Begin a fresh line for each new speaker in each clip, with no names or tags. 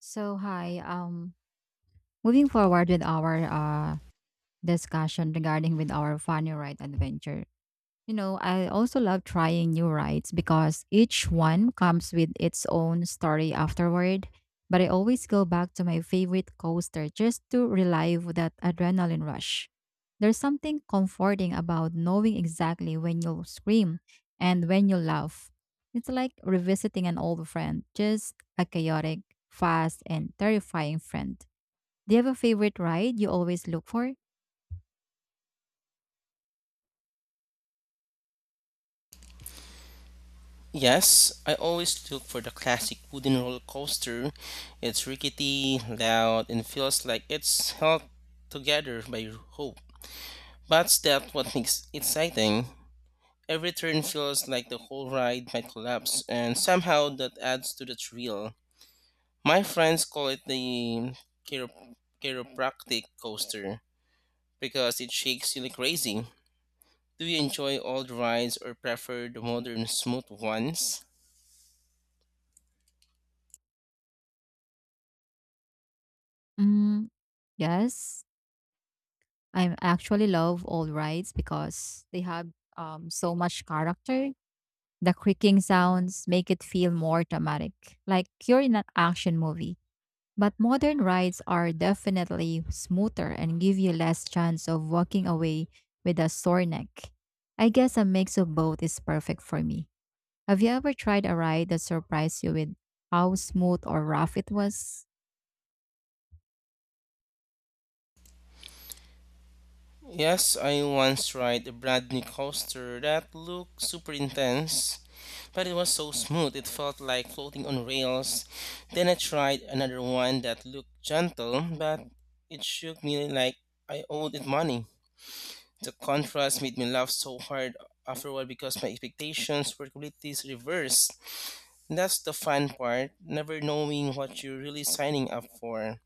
So hi, moving forward with our discussion regarding with our funny ride adventure. You know, I also love trying new rides because each one comes with its own story afterward. But I always go back to my favorite coaster just to relive that adrenaline rush. There's something comforting about knowing exactly when you'll scream and when you'll laugh. It's like revisiting an old friend, just a chaotic, fast, and terrifying friend. Do you have a favorite ride you always look for?
Yes, I always look for the classic wooden roller coaster. It's rickety, loud, and feels like it's held together by hope. But that's what makes it exciting. Every turn feels like the whole ride might collapse, and somehow that adds to the thrill. My friends call it the chiro- chiropractic coaster because it shakes you like crazy. Do you enjoy old rides or prefer the modern smooth ones?
Mm, yes. I actually love old rides because they have so much character. The creaking sounds make it feel more dramatic, like you're in an action movie. But modern rides are definitely smoother and give you less chance of walking away with a sore neck. I guess a mix of both is perfect for me. Have you ever tried a ride that surprised you with how smooth or rough it was?
Yes, I once tried a brand new coaster that looked super intense, but it was so smooth it felt like floating on rails. Then I tried another one that looked gentle, but it shook me like I owed it money. The contrast made me laugh so hard afterward because my expectations were completely reversed. That's the fun part, never knowing what you're really signing up for.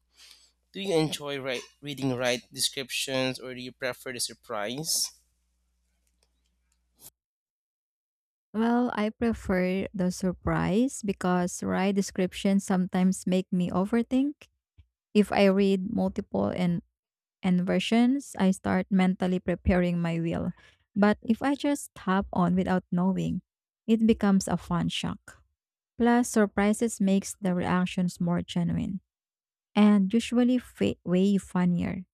Do you enjoy reading right descriptions, or do you prefer the surprise?
Well, I prefer the surprise because right descriptions sometimes make me overthink. If I read multiple and versions, I start mentally preparing my will. But if I just hop on without knowing, it becomes a fun shock. Plus, surprises makes the reactions more genuine and usually way funnier.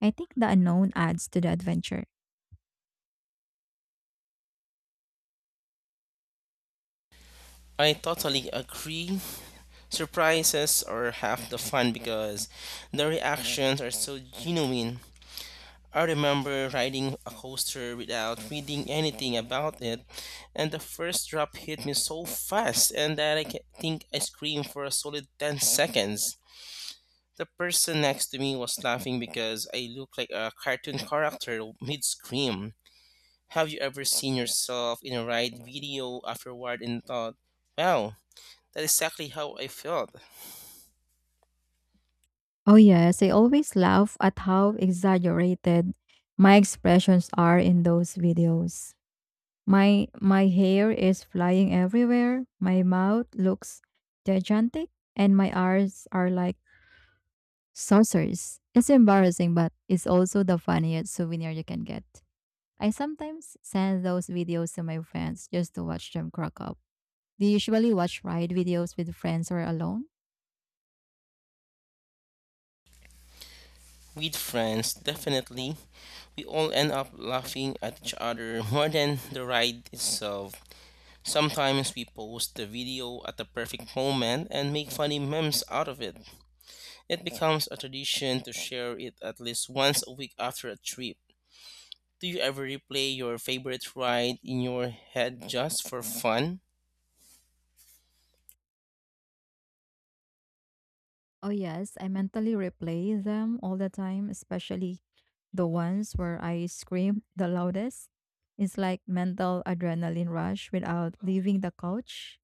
I think the unknown adds to the adventure.
I totally agree. Surprises are half the fun because the reactions are so genuine. I remember riding a coaster without reading anything about it, and the first drop hit me so fast and that think I screamed for a solid 10 seconds. The person next to me was laughing because I looked like a cartoon character mid scream. Have you ever seen yourself in a ride video afterward and thought, wow, that's exactly how I felt?
Oh, yes. I always laugh at how exaggerated my expressions are in those videos. My hair is flying everywhere. My mouth looks gigantic and my eyes are like saucers. It's embarrassing, but it's also the funniest souvenir you can get. I sometimes send those videos to my friends just to watch them crack up. Do you usually watch ride videos with friends or alone?
With friends, definitely. We all end up laughing at each other more than the ride itself. Sometimes we post the video at the perfect moment and make funny memes out of it. It becomes a tradition to share it at least once a week after a trip. Do you ever replay your favorite ride in your head just for fun?
Oh, yes. I mentally replay them all the time, especially the ones where I scream the loudest. It's like mental adrenaline rush without leaving the couch.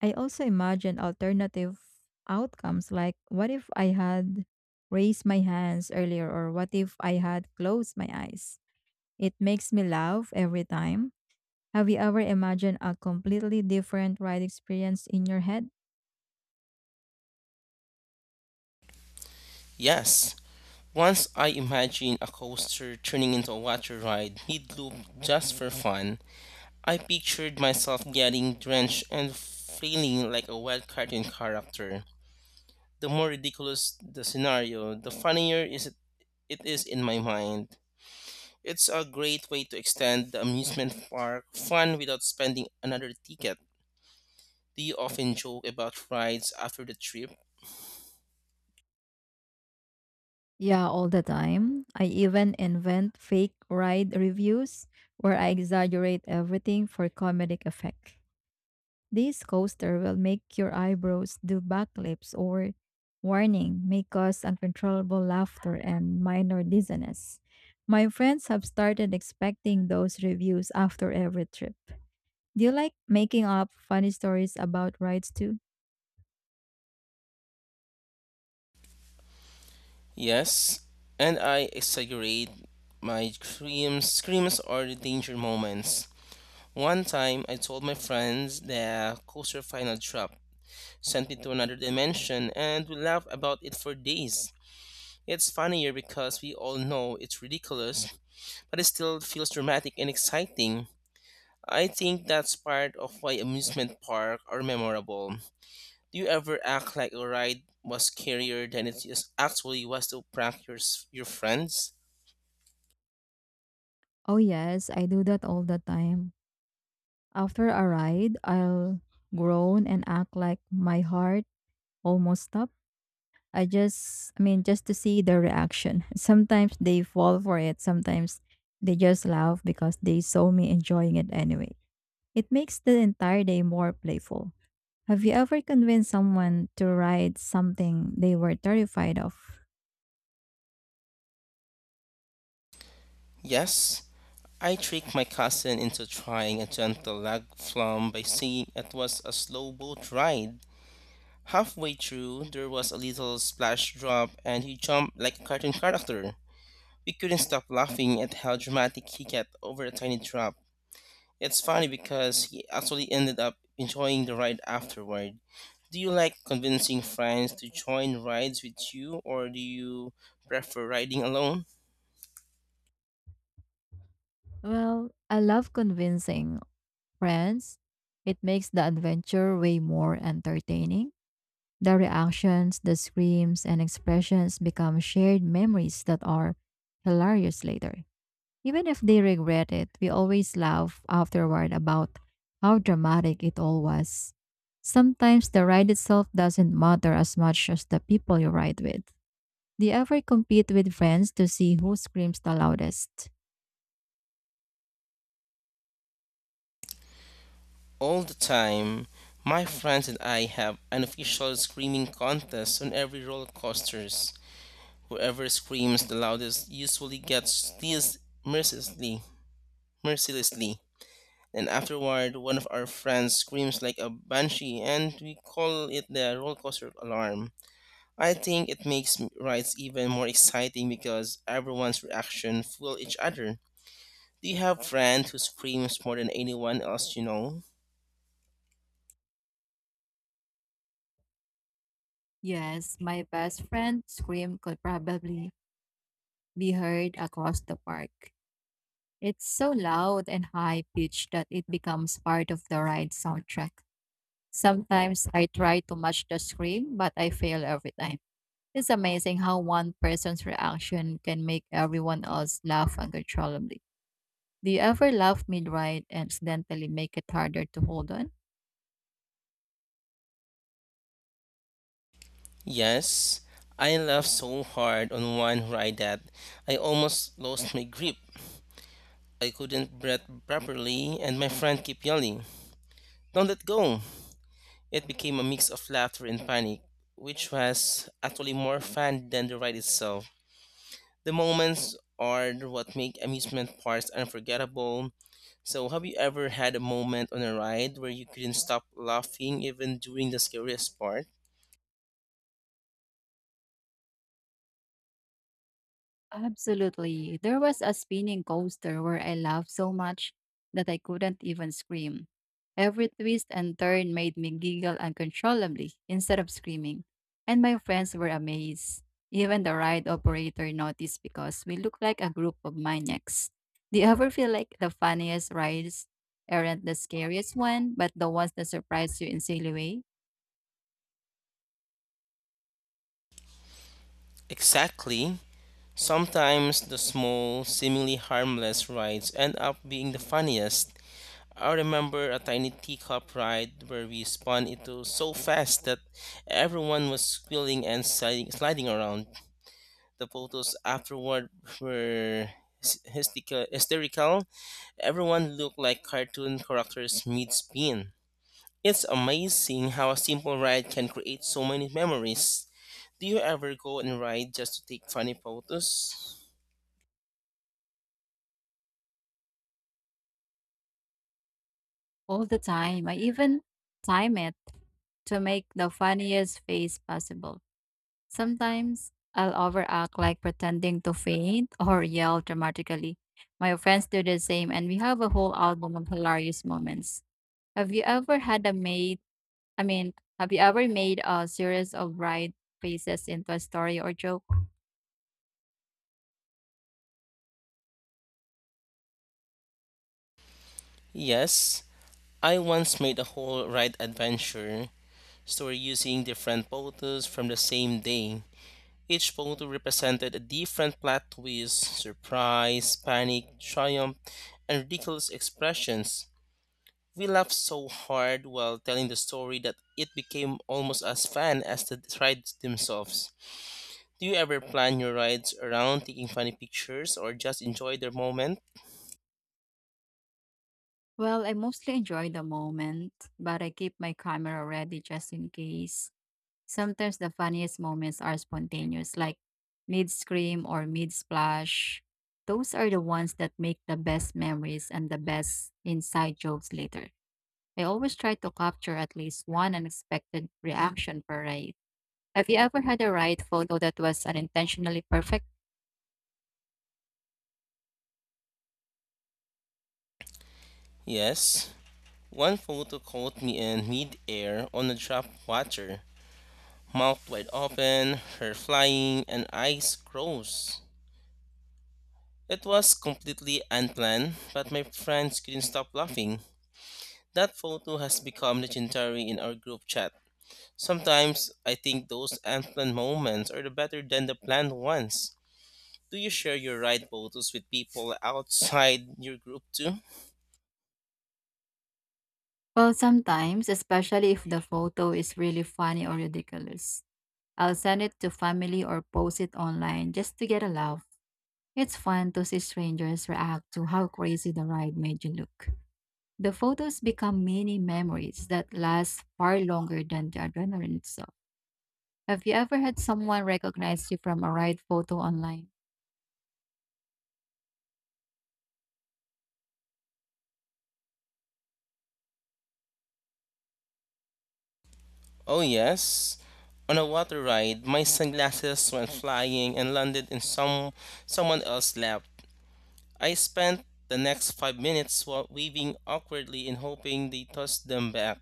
I also imagine alternative outcomes, like what if I had raised my hands earlier or what if I had closed my eyes? It makes me laugh every time. Have you ever imagined a completely different ride experience in your head?
Yes. Once I imagined a coaster turning into a water ride mid loop just for fun. I pictured myself getting drenched and feeling like a wild cartoon character. The more ridiculous the scenario, the funnier it is in my mind. It's a great way to extend the amusement park fun without spending another ticket. Do you often joke about rides after the trip?
Yeah, all the time. I even invent fake ride reviews where I exaggerate everything for comedic effect. This coaster will make your eyebrows do backflips, or warning may cause uncontrollable laughter and minor dizziness. My friends have started expecting those reviews after every trip. Do you like making up funny stories about rides too?
Yes, and I exaggerate my screams. Screams are the danger moments. One time, I told my friends the coaster final drop sent me to another dimension, and we laugh about it for days. It's funnier because we all know it's ridiculous, but it still feels dramatic and exciting. I think that's part of why amusement parks are memorable. Do you ever act like a ride was scarier than it is actually was to prank your friends?
Oh yes, I do that all the time. After a ride, I'll groan and act like my heart almost stopped. I mean, just to see their reaction. Sometimes they fall for it, sometimes they just laugh because they saw me enjoying it anyway. It makes the entire day more playful. Have you ever convinced someone to ride something they were terrified of?
Yes, I tricked my cousin into trying a gentle leg flum by saying it was a slow boat ride. Halfway through, there was a little splash drop and he jumped like a cartoon character. We couldn't stop laughing at how dramatic he got over a tiny drop. It's funny because he actually ended up enjoying the ride afterward. Do you like convincing friends to join rides with you, or do you prefer riding alone?
Well, I love convincing friends. It makes the adventure way more entertaining. The reactions, the screams, and expressions become shared memories that are hilarious later. Even if they regret it, we always laugh afterward about how dramatic it all was. Sometimes the ride itself doesn't matter as much as the people you ride with. Do you ever compete with friends to see who screams the loudest?
All the time. My friends and I have an official screaming contest on every roller coasters. Whoever screams the loudest usually gets teased mercilessly, mercilessly. And afterward, one of our friends screams like a banshee, and we call it the roller coaster alarm. I think it makes rides even more exciting because everyone's reaction fuel each other. Do you have friend who screams more than anyone else you know?
Yes, my best friend's scream could probably be heard across the park. It's so loud and high pitched that it becomes part of the ride soundtrack. Sometimes I try to match the scream, but I fail every time. It's amazing how one person's reaction can make everyone else laugh uncontrollably. Do you ever laugh mid ride and accidentally make it harder to hold on?
Yes, I laughed so hard on one ride that I almost lost my grip. I couldn't breathe properly and my friend kept yelling, "Don't let go!" It became a mix of laughter and panic, which was actually more fun than the ride itself. The moments are what make amusement parks unforgettable. So, have you ever had a moment on a ride where you couldn't stop laughing even during the scariest part?
Absolutely. There was a spinning coaster where I laughed so much that I couldn't even scream. Every twist and turn made me giggle uncontrollably instead of screaming, and my friends were amazed. Even the ride operator noticed because we looked like a group of maniacs. Do you ever feel like the funniest rides aren't the scariest one, but the ones that surprise you in silly way?
Exactly. Sometimes the small, seemingly harmless rides end up being the funniest. I remember a tiny teacup ride where we spun into so fast that everyone was squealing and sliding around. The photos afterward were hysterical. Everyone looked like cartoon characters mid spin. It's amazing how a simple ride can create so many memories. Do you ever go and ride just to take funny photos?
All the time. I even time it to make the funniest face possible. Sometimes I'll overact, like pretending to faint or yell dramatically. My friends do the same and we have a whole album of hilarious moments. Have you ever had a made I mean, have you ever made a series of bright faces into a story or joke?
Yes, I once made a whole ride adventure story using different photos from the same day. Each photo represented a different plot twist, surprise, panic, triumph, and ridiculous expressions. We laughed so hard while telling the story that it became almost as fun as the rides themselves. Do you ever plan your rides around taking funny pictures or just enjoy the moment?
Well, I mostly enjoy the moment, but I keep my camera ready just in case. Sometimes the funniest moments are spontaneous, like mid scream or mid splash. Those are the ones that make the best memories and the best inside jokes later. I always try to capture at least one unexpected reaction per ride. Have you ever had a ride photo that was unintentionally perfect?
Yes. One photo caught me in mid-air on a drop of water, mouth wide open, hair flying, and eyes closed. It was completely unplanned, but my friends couldn't stop laughing. That photo has become legendary in our group chat. Sometimes I think those unplanned moments are the better than the planned ones. Do you share your ride photos with people outside your group too?
Well, sometimes, especially if the photo is really funny or ridiculous. I'll send it to family or post it online just to get a laugh. It's fun to see strangers react to how crazy the ride made you look. The photos become mini memories that last far longer than the adrenaline itself. Have you ever had someone recognize you from a ride photo online?
Oh, yes. On a water ride, my sunglasses went flying and landed in someone else's lap. I spent the next 5 minutes waving awkwardly and hoping they tossed them back.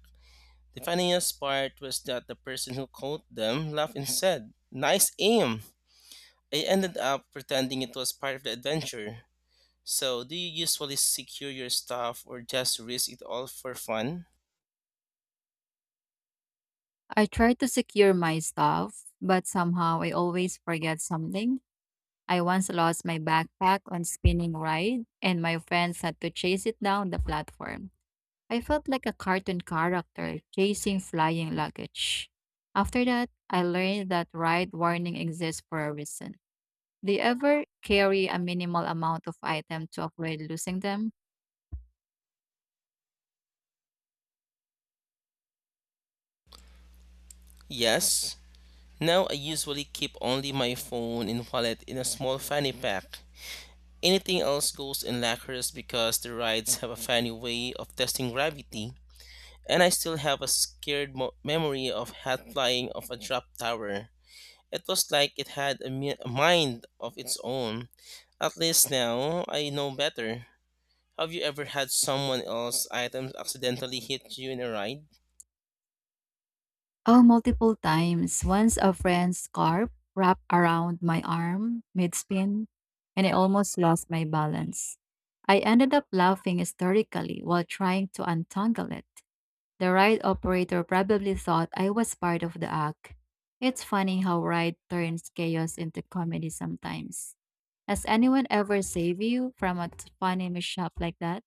The funniest part was that the person who caught them laughed and said, "Nice aim." I ended up pretending it was part of the adventure. So, do you usually secure your stuff or just risk it all for fun?
I try to secure my stuff, but somehow I always forget something. I once lost my backpack on spinning ride and my friends had to chase it down the platform. I felt like a cartoon character chasing flying luggage. After that, I learned that ride warning exists for a reason. Do you ever carry a minimal amount of item to avoid losing them?
Yes. Now I usually keep only my phone and wallet in a small fanny pack. Anything else goes in lockers because the rides have a funny way of testing gravity, and I still have a scared memory of hat flying off a drop tower. It was like it had a mind of its own. At least now I know better. Have you ever had someone else's items accidentally hit you in a ride?
Oh, multiple times. Once a friend's scarf wrapped around my arm mid-spin, and I almost lost my balance. I ended up laughing hysterically while trying to untangle it. The ride operator probably thought I was part of the act. It's funny how ride turns chaos into comedy sometimes. Has anyone ever saved you from a funny mishap like that?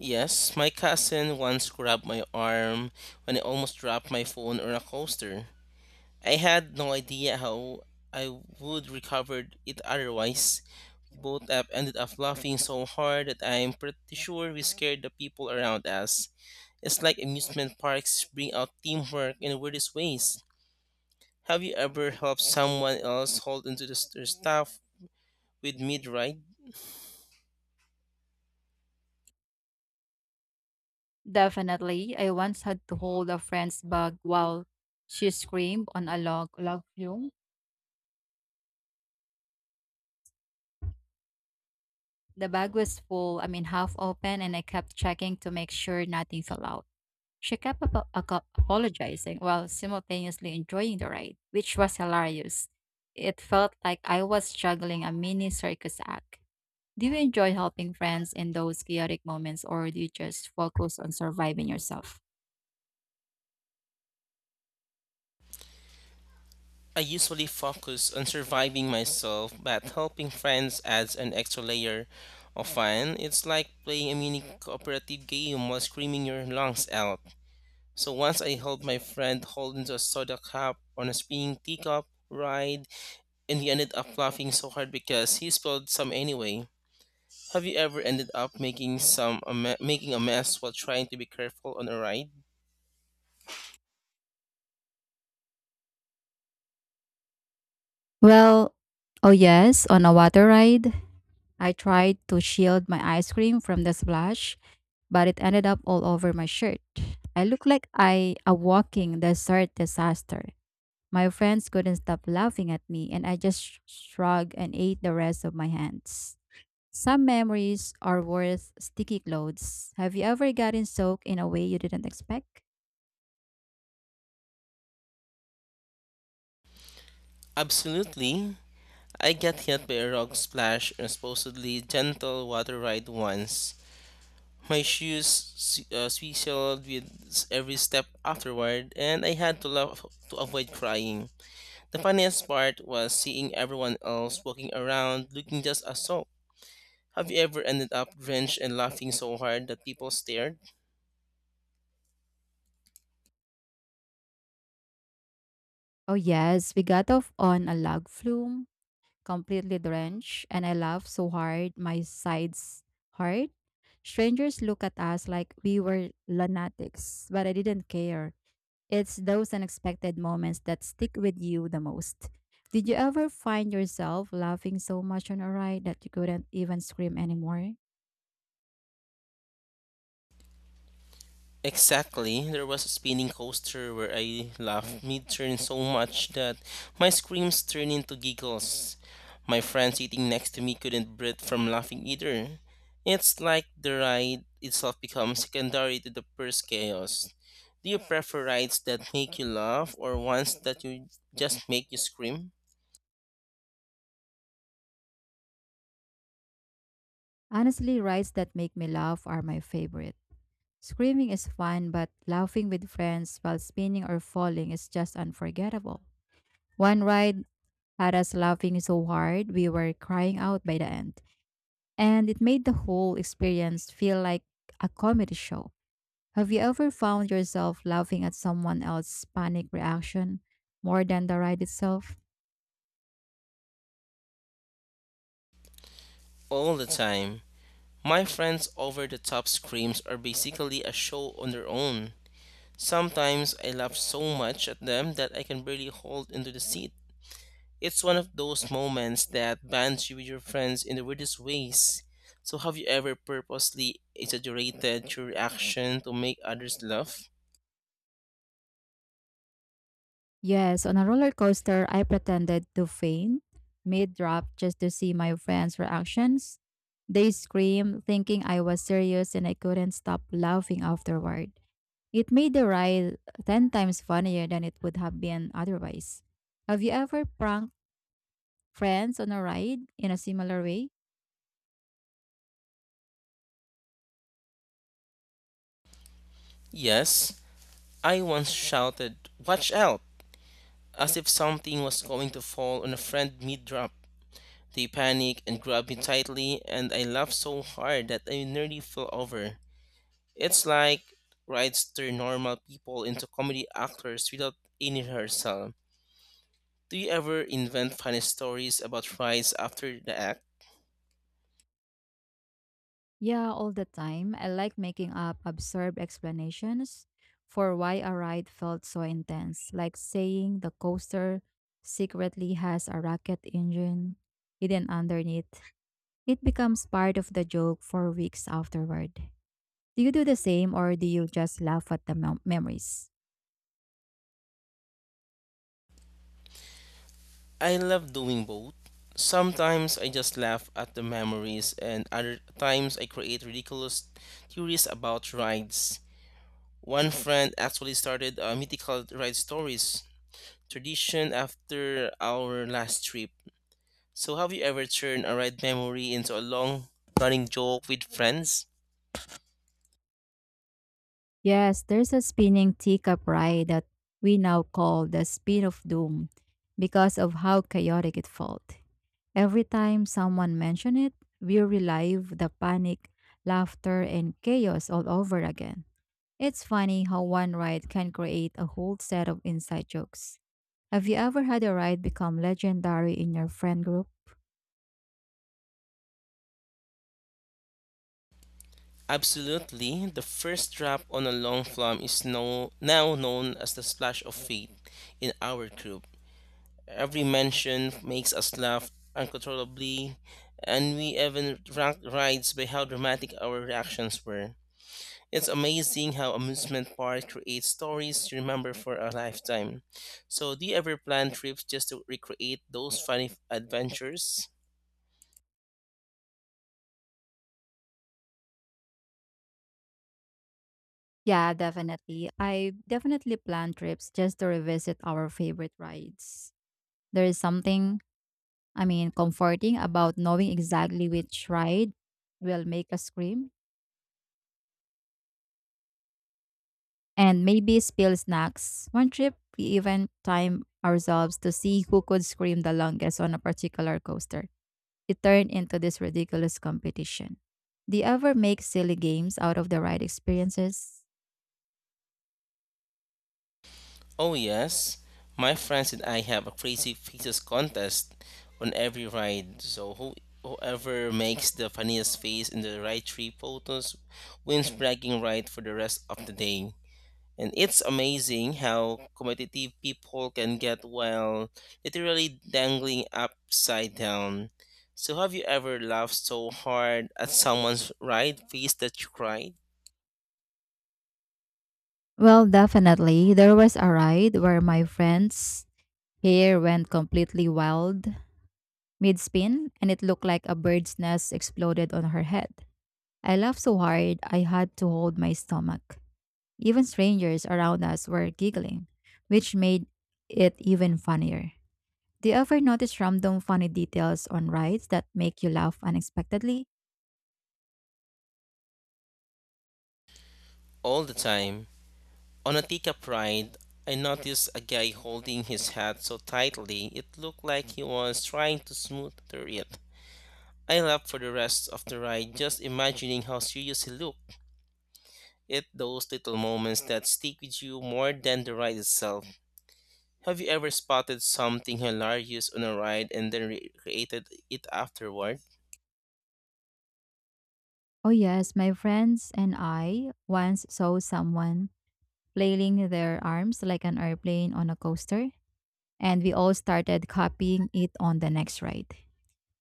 Yes, my cousin once grabbed my arm when I almost dropped my phone on a coaster. I had no idea how I would recover it otherwise. We both up ended up laughing so hard that I'm pretty sure we scared the people around us. It's like amusement parks bring out teamwork in weirdest ways. Have you ever helped someone else hold onto their stuff with mid ride?
Definitely. I once had to hold a friend's bag while she screamed on a log flume. The bag was full, I mean half open, and I kept checking to make sure nothing fell out. She kept apologizing while simultaneously enjoying the ride, which was hilarious. It felt like I was juggling a mini circus act. Do you enjoy helping friends in those chaotic moments, or do you just focus on surviving yourself?
I usually focus on surviving myself, but helping friends adds an extra layer of fun. It's like playing a mini cooperative game while screaming your lungs out. So once I helped my friend hold into a soda cup on a spinning teacup ride, and he ended up laughing so hard because he spilled some anyway. Have you ever ended up making making a mess while trying to be careful on a ride?
Well, oh yes, on a water ride, I tried to shield my ice cream from the splash, but it ended up all over my shirt. I looked like I a walking dessert disaster. My friends couldn't stop laughing at me, and I just shrugged and ate the rest of my hands. Some memories are worth sticky clothes. Have you ever gotten soaked in a way you didn't expect?
Absolutely. I got hit by a rock splash on supposedly gentle water ride once. My shoes swizzled with every step afterward, and I had to laugh to avoid crying. The funniest part was seeing everyone else walking around looking just as so. Have you ever ended up drenched and laughing so hard that people stared?
Oh, yes, we got off on a log flume, completely drenched, and I laughed so hard my sides hurt. Strangers looked at us like we were lunatics, but I didn't care. It's those unexpected moments that stick with you the most. Did you ever find yourself laughing so much on a ride that you couldn't even scream anymore?
Exactly. There was a spinning coaster where I laughed mid turn so much that my screams turned into giggles. My friend sitting next to me couldn't breathe from laughing either. It's like the ride itself becomes secondary to the first chaos. Do you prefer rides that make you laugh or ones that you just make you scream?
Honestly, rides that make me laugh are my favorite. Screaming is fun, but laughing with friends while spinning or falling is just unforgettable. One ride had us laughing so hard we were crying out by the end, and it made the whole experience feel like a comedy show. Have you ever found yourself laughing at someone else's panic reaction more than the ride itself?
All the time. My friends' over the top screams are basically a show on their own. Sometimes I laugh so much at them that I can barely hold into the seat. It's one of those moments that bonds you with your friends in the weirdest ways. So, have you ever purposely exaggerated your reaction to make others laugh?
Yes, on a roller coaster, I pretended to faint mid drop just to see my friends' reactions. They screamed, thinking I was serious, and I couldn't stop laughing afterward. It made the ride 10 times funnier than it would have been otherwise. Have you ever pranked friends on a ride in a similar way?
Yes, I once shouted, "Watch out!" as if something was going to fall on a friend mid drop. They panicked and grabbed me tightly, and I laughed so hard that I nearly fell over. It's like writes turn normal people into comedy actors without any rehearsal. Do you ever invent funny stories about rides after the act?
Yeah, all the time. I like making up absurd explanations for why a ride felt so intense, like saying the coaster secretly has a rocket engine hidden underneath. It becomes part of the joke for weeks afterward. Do you do the same or do you just laugh at the memories?
I love doing both. Sometimes I just laugh at the memories, and other times I create ridiculous theories about rides. One friend actually started a mythical ride stories tradition after our last trip. So, have you ever turned a ride memory into a long running joke with friends?
Yes, there's a spinning teacup ride that we now call the Spin of Doom because of how chaotic it felt. Every time someone mentioned it, we relive the panic, laughter, and chaos all over again. It's funny how one ride can create a whole set of inside jokes. Have you ever had a ride become legendary in your friend group?
Absolutely. The first drop on a long plum is no, now known as the splash of fate in our group. Every mention makes us laugh uncontrollably, and we even rank rides by how dramatic our reactions were. It's amazing how amusement park creates stories you remember for a lifetime. So, do you ever plan trips just to recreate those funny adventures?
Yeah, definitely. I definitely plan trips just to revisit our favorite rides. There is something, I mean, comforting about knowing exactly which ride will make us scream and maybe spill snacks. One trip, we even timed ourselves to see who could scream the longest on a particular coaster. It turned into this ridiculous competition. Do you ever make silly games out of the ride experiences?
Oh, yes. My friends and I have a crazy faces contest on every ride. Whoever makes the funniest face in the right three photos wins bragging right for the rest of the day. And it's amazing how competitive people can get while literally dangling upside down. So have you ever laughed so hard at someone's right face that you cried?
Well, definitely. There was a ride where my friend's hair went completely wild mid spin, and it looked like a bird's nest exploded on her head. I laughed so hard I had to hold my stomach. Even strangers around us were giggling, which made it even funnier. Do you ever notice random funny details on rides that make you laugh unexpectedly?
All the time. On Atika Pride, I noticed a guy holding his hat so tightly it looked like he was trying to smooth through it. I laughed for the rest of the ride just imagining how serious he looked. It's those little moments that stick with you more than the ride itself. Have you ever spotted something hilarious on a ride and then recreated it afterward?
Oh, yes, my friends and I once saw someone flailing their arms like an airplane on a coaster, and we all started copying it on the next ride.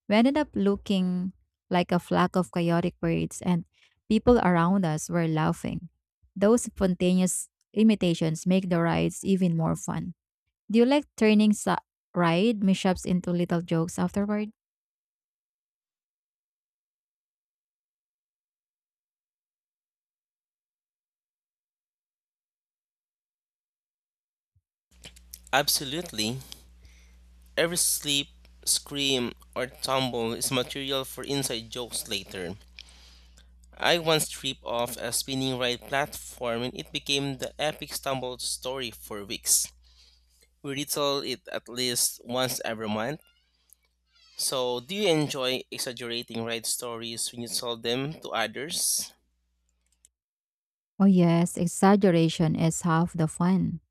We ended up looking like a flock of chaotic birds, and people around us were laughing. Those spontaneous imitations make the rides even more fun. Do you like turning ride mishaps into little jokes afterward?
Absolutely. Every slip, scream, or tumble is material for inside jokes later. I once tripped off a spinning ride platform and it became the epic stumble story for weeks. We retell it at least once every month. So, do you enjoy exaggerating ride stories when you tell them to others?
Oh, yes, exaggeration is half the fun.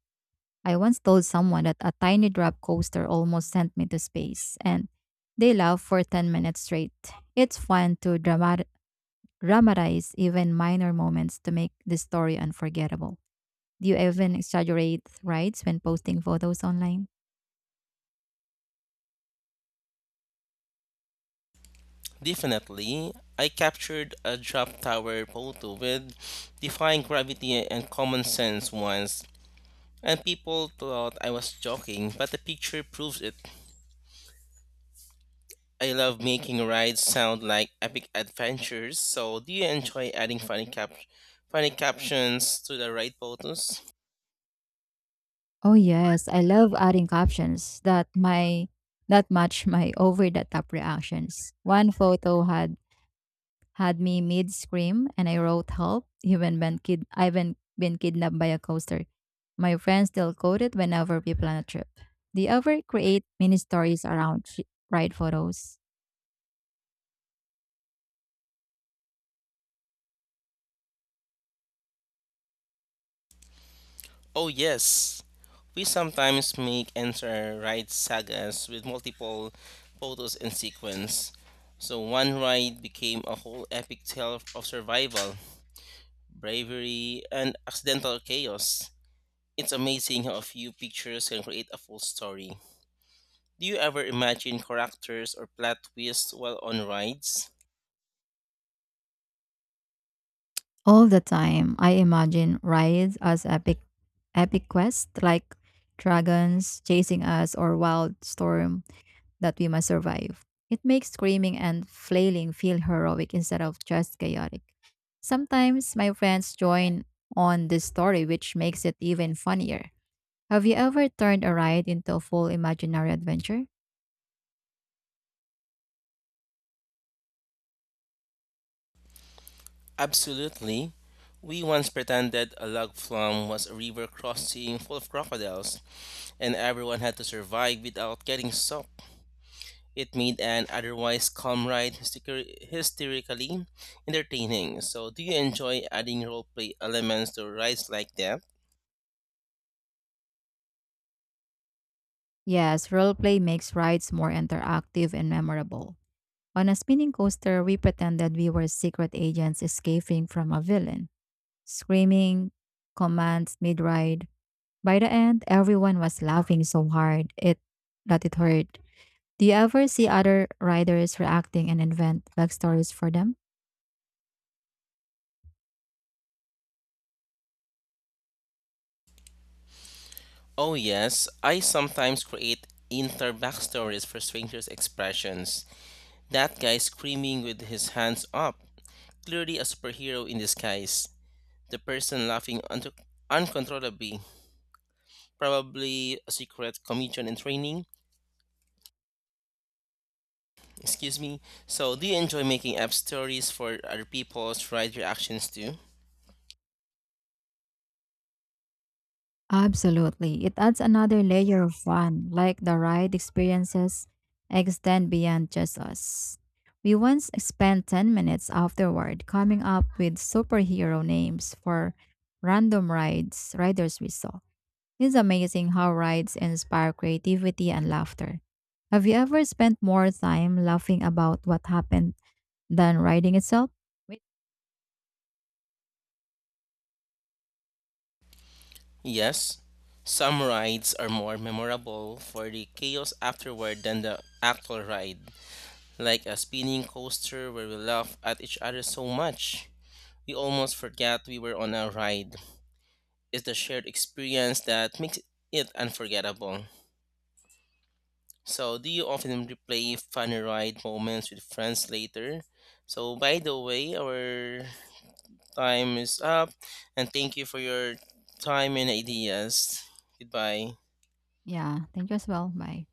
I once told someone that a tiny drop coaster almost sent me to space, and they laughed for 10 minutes straight. It's fun to dramatize even minor moments to make the story unforgettable. Do you even exaggerate rides when posting photos online?
Definitely. I captured a drop tower photo with defying gravity and common sense once, and people thought I was joking, but the picture proves it. I love making rides sound like epic adventures. So, do you enjoy adding funny captions to the ride photos?
Oh yes, I love adding captions that match my over the top reactions. One photo had me mid scream and I wrote help even when kid I've been kidnapped by a coaster. My friends still quote it whenever we plan a trip. They ever create mini stories around ride photos.
Oh yes. We sometimes make entire ride sagas with multiple photos in sequence. So one ride became a whole epic tale of survival, bravery, and accidental chaos. It's amazing how a few pictures can create a full story. Do you ever imagine characters or plot twists while on rides?
All the time, I imagine rides as epic quests like dragons chasing us or wild storm that we must survive. It makes screaming and flailing feel heroic instead of just chaotic. Sometimes my friends join on this story, which makes it even funnier. Have you ever turned a ride into a full imaginary adventure?
Absolutely. We once pretended a log flume was a river crossing full of crocodiles, and everyone had to survive without getting soaked. It made an otherwise calm ride hysterically entertaining. So, do you enjoy adding roleplay elements to rides like that?
Yes, roleplay makes rides more interactive and memorable. On a spinning coaster, we pretended we were secret agents escaping from a villain, screaming commands mid ride. By the end, everyone was laughing so hard it that it hurt. Do you ever see other riders reacting and invent backstories for them?
Oh, yes, I sometimes create inter backstories for strangers' expressions. That guy screaming with his hands up, clearly a superhero in disguise. The person laughing unto uncontrollably, probably a secret comedian in training. Excuse me. So, do you enjoy making up stories for other people's ride reactions too?
Absolutely. It adds another layer of fun, like the ride experiences extend beyond just us. We once spent 10 minutes afterward coming up with superhero names for random rides riders we saw. It's amazing how rides inspire creativity and laughter. Have you ever spent more time laughing about what happened than riding itself? Wait,
Yes. Some rides are more memorable for the chaos afterward than the actual ride, like a spinning coaster where we laugh at each other so much. We almost forget we were on a ride. It's the shared experience that makes it unforgettable. So, do you often replay funny ride moments with friends later? So, by the way, our time is up, and thank you for your time and ideas. Goodbye.
yeah, thank you as well. Bye.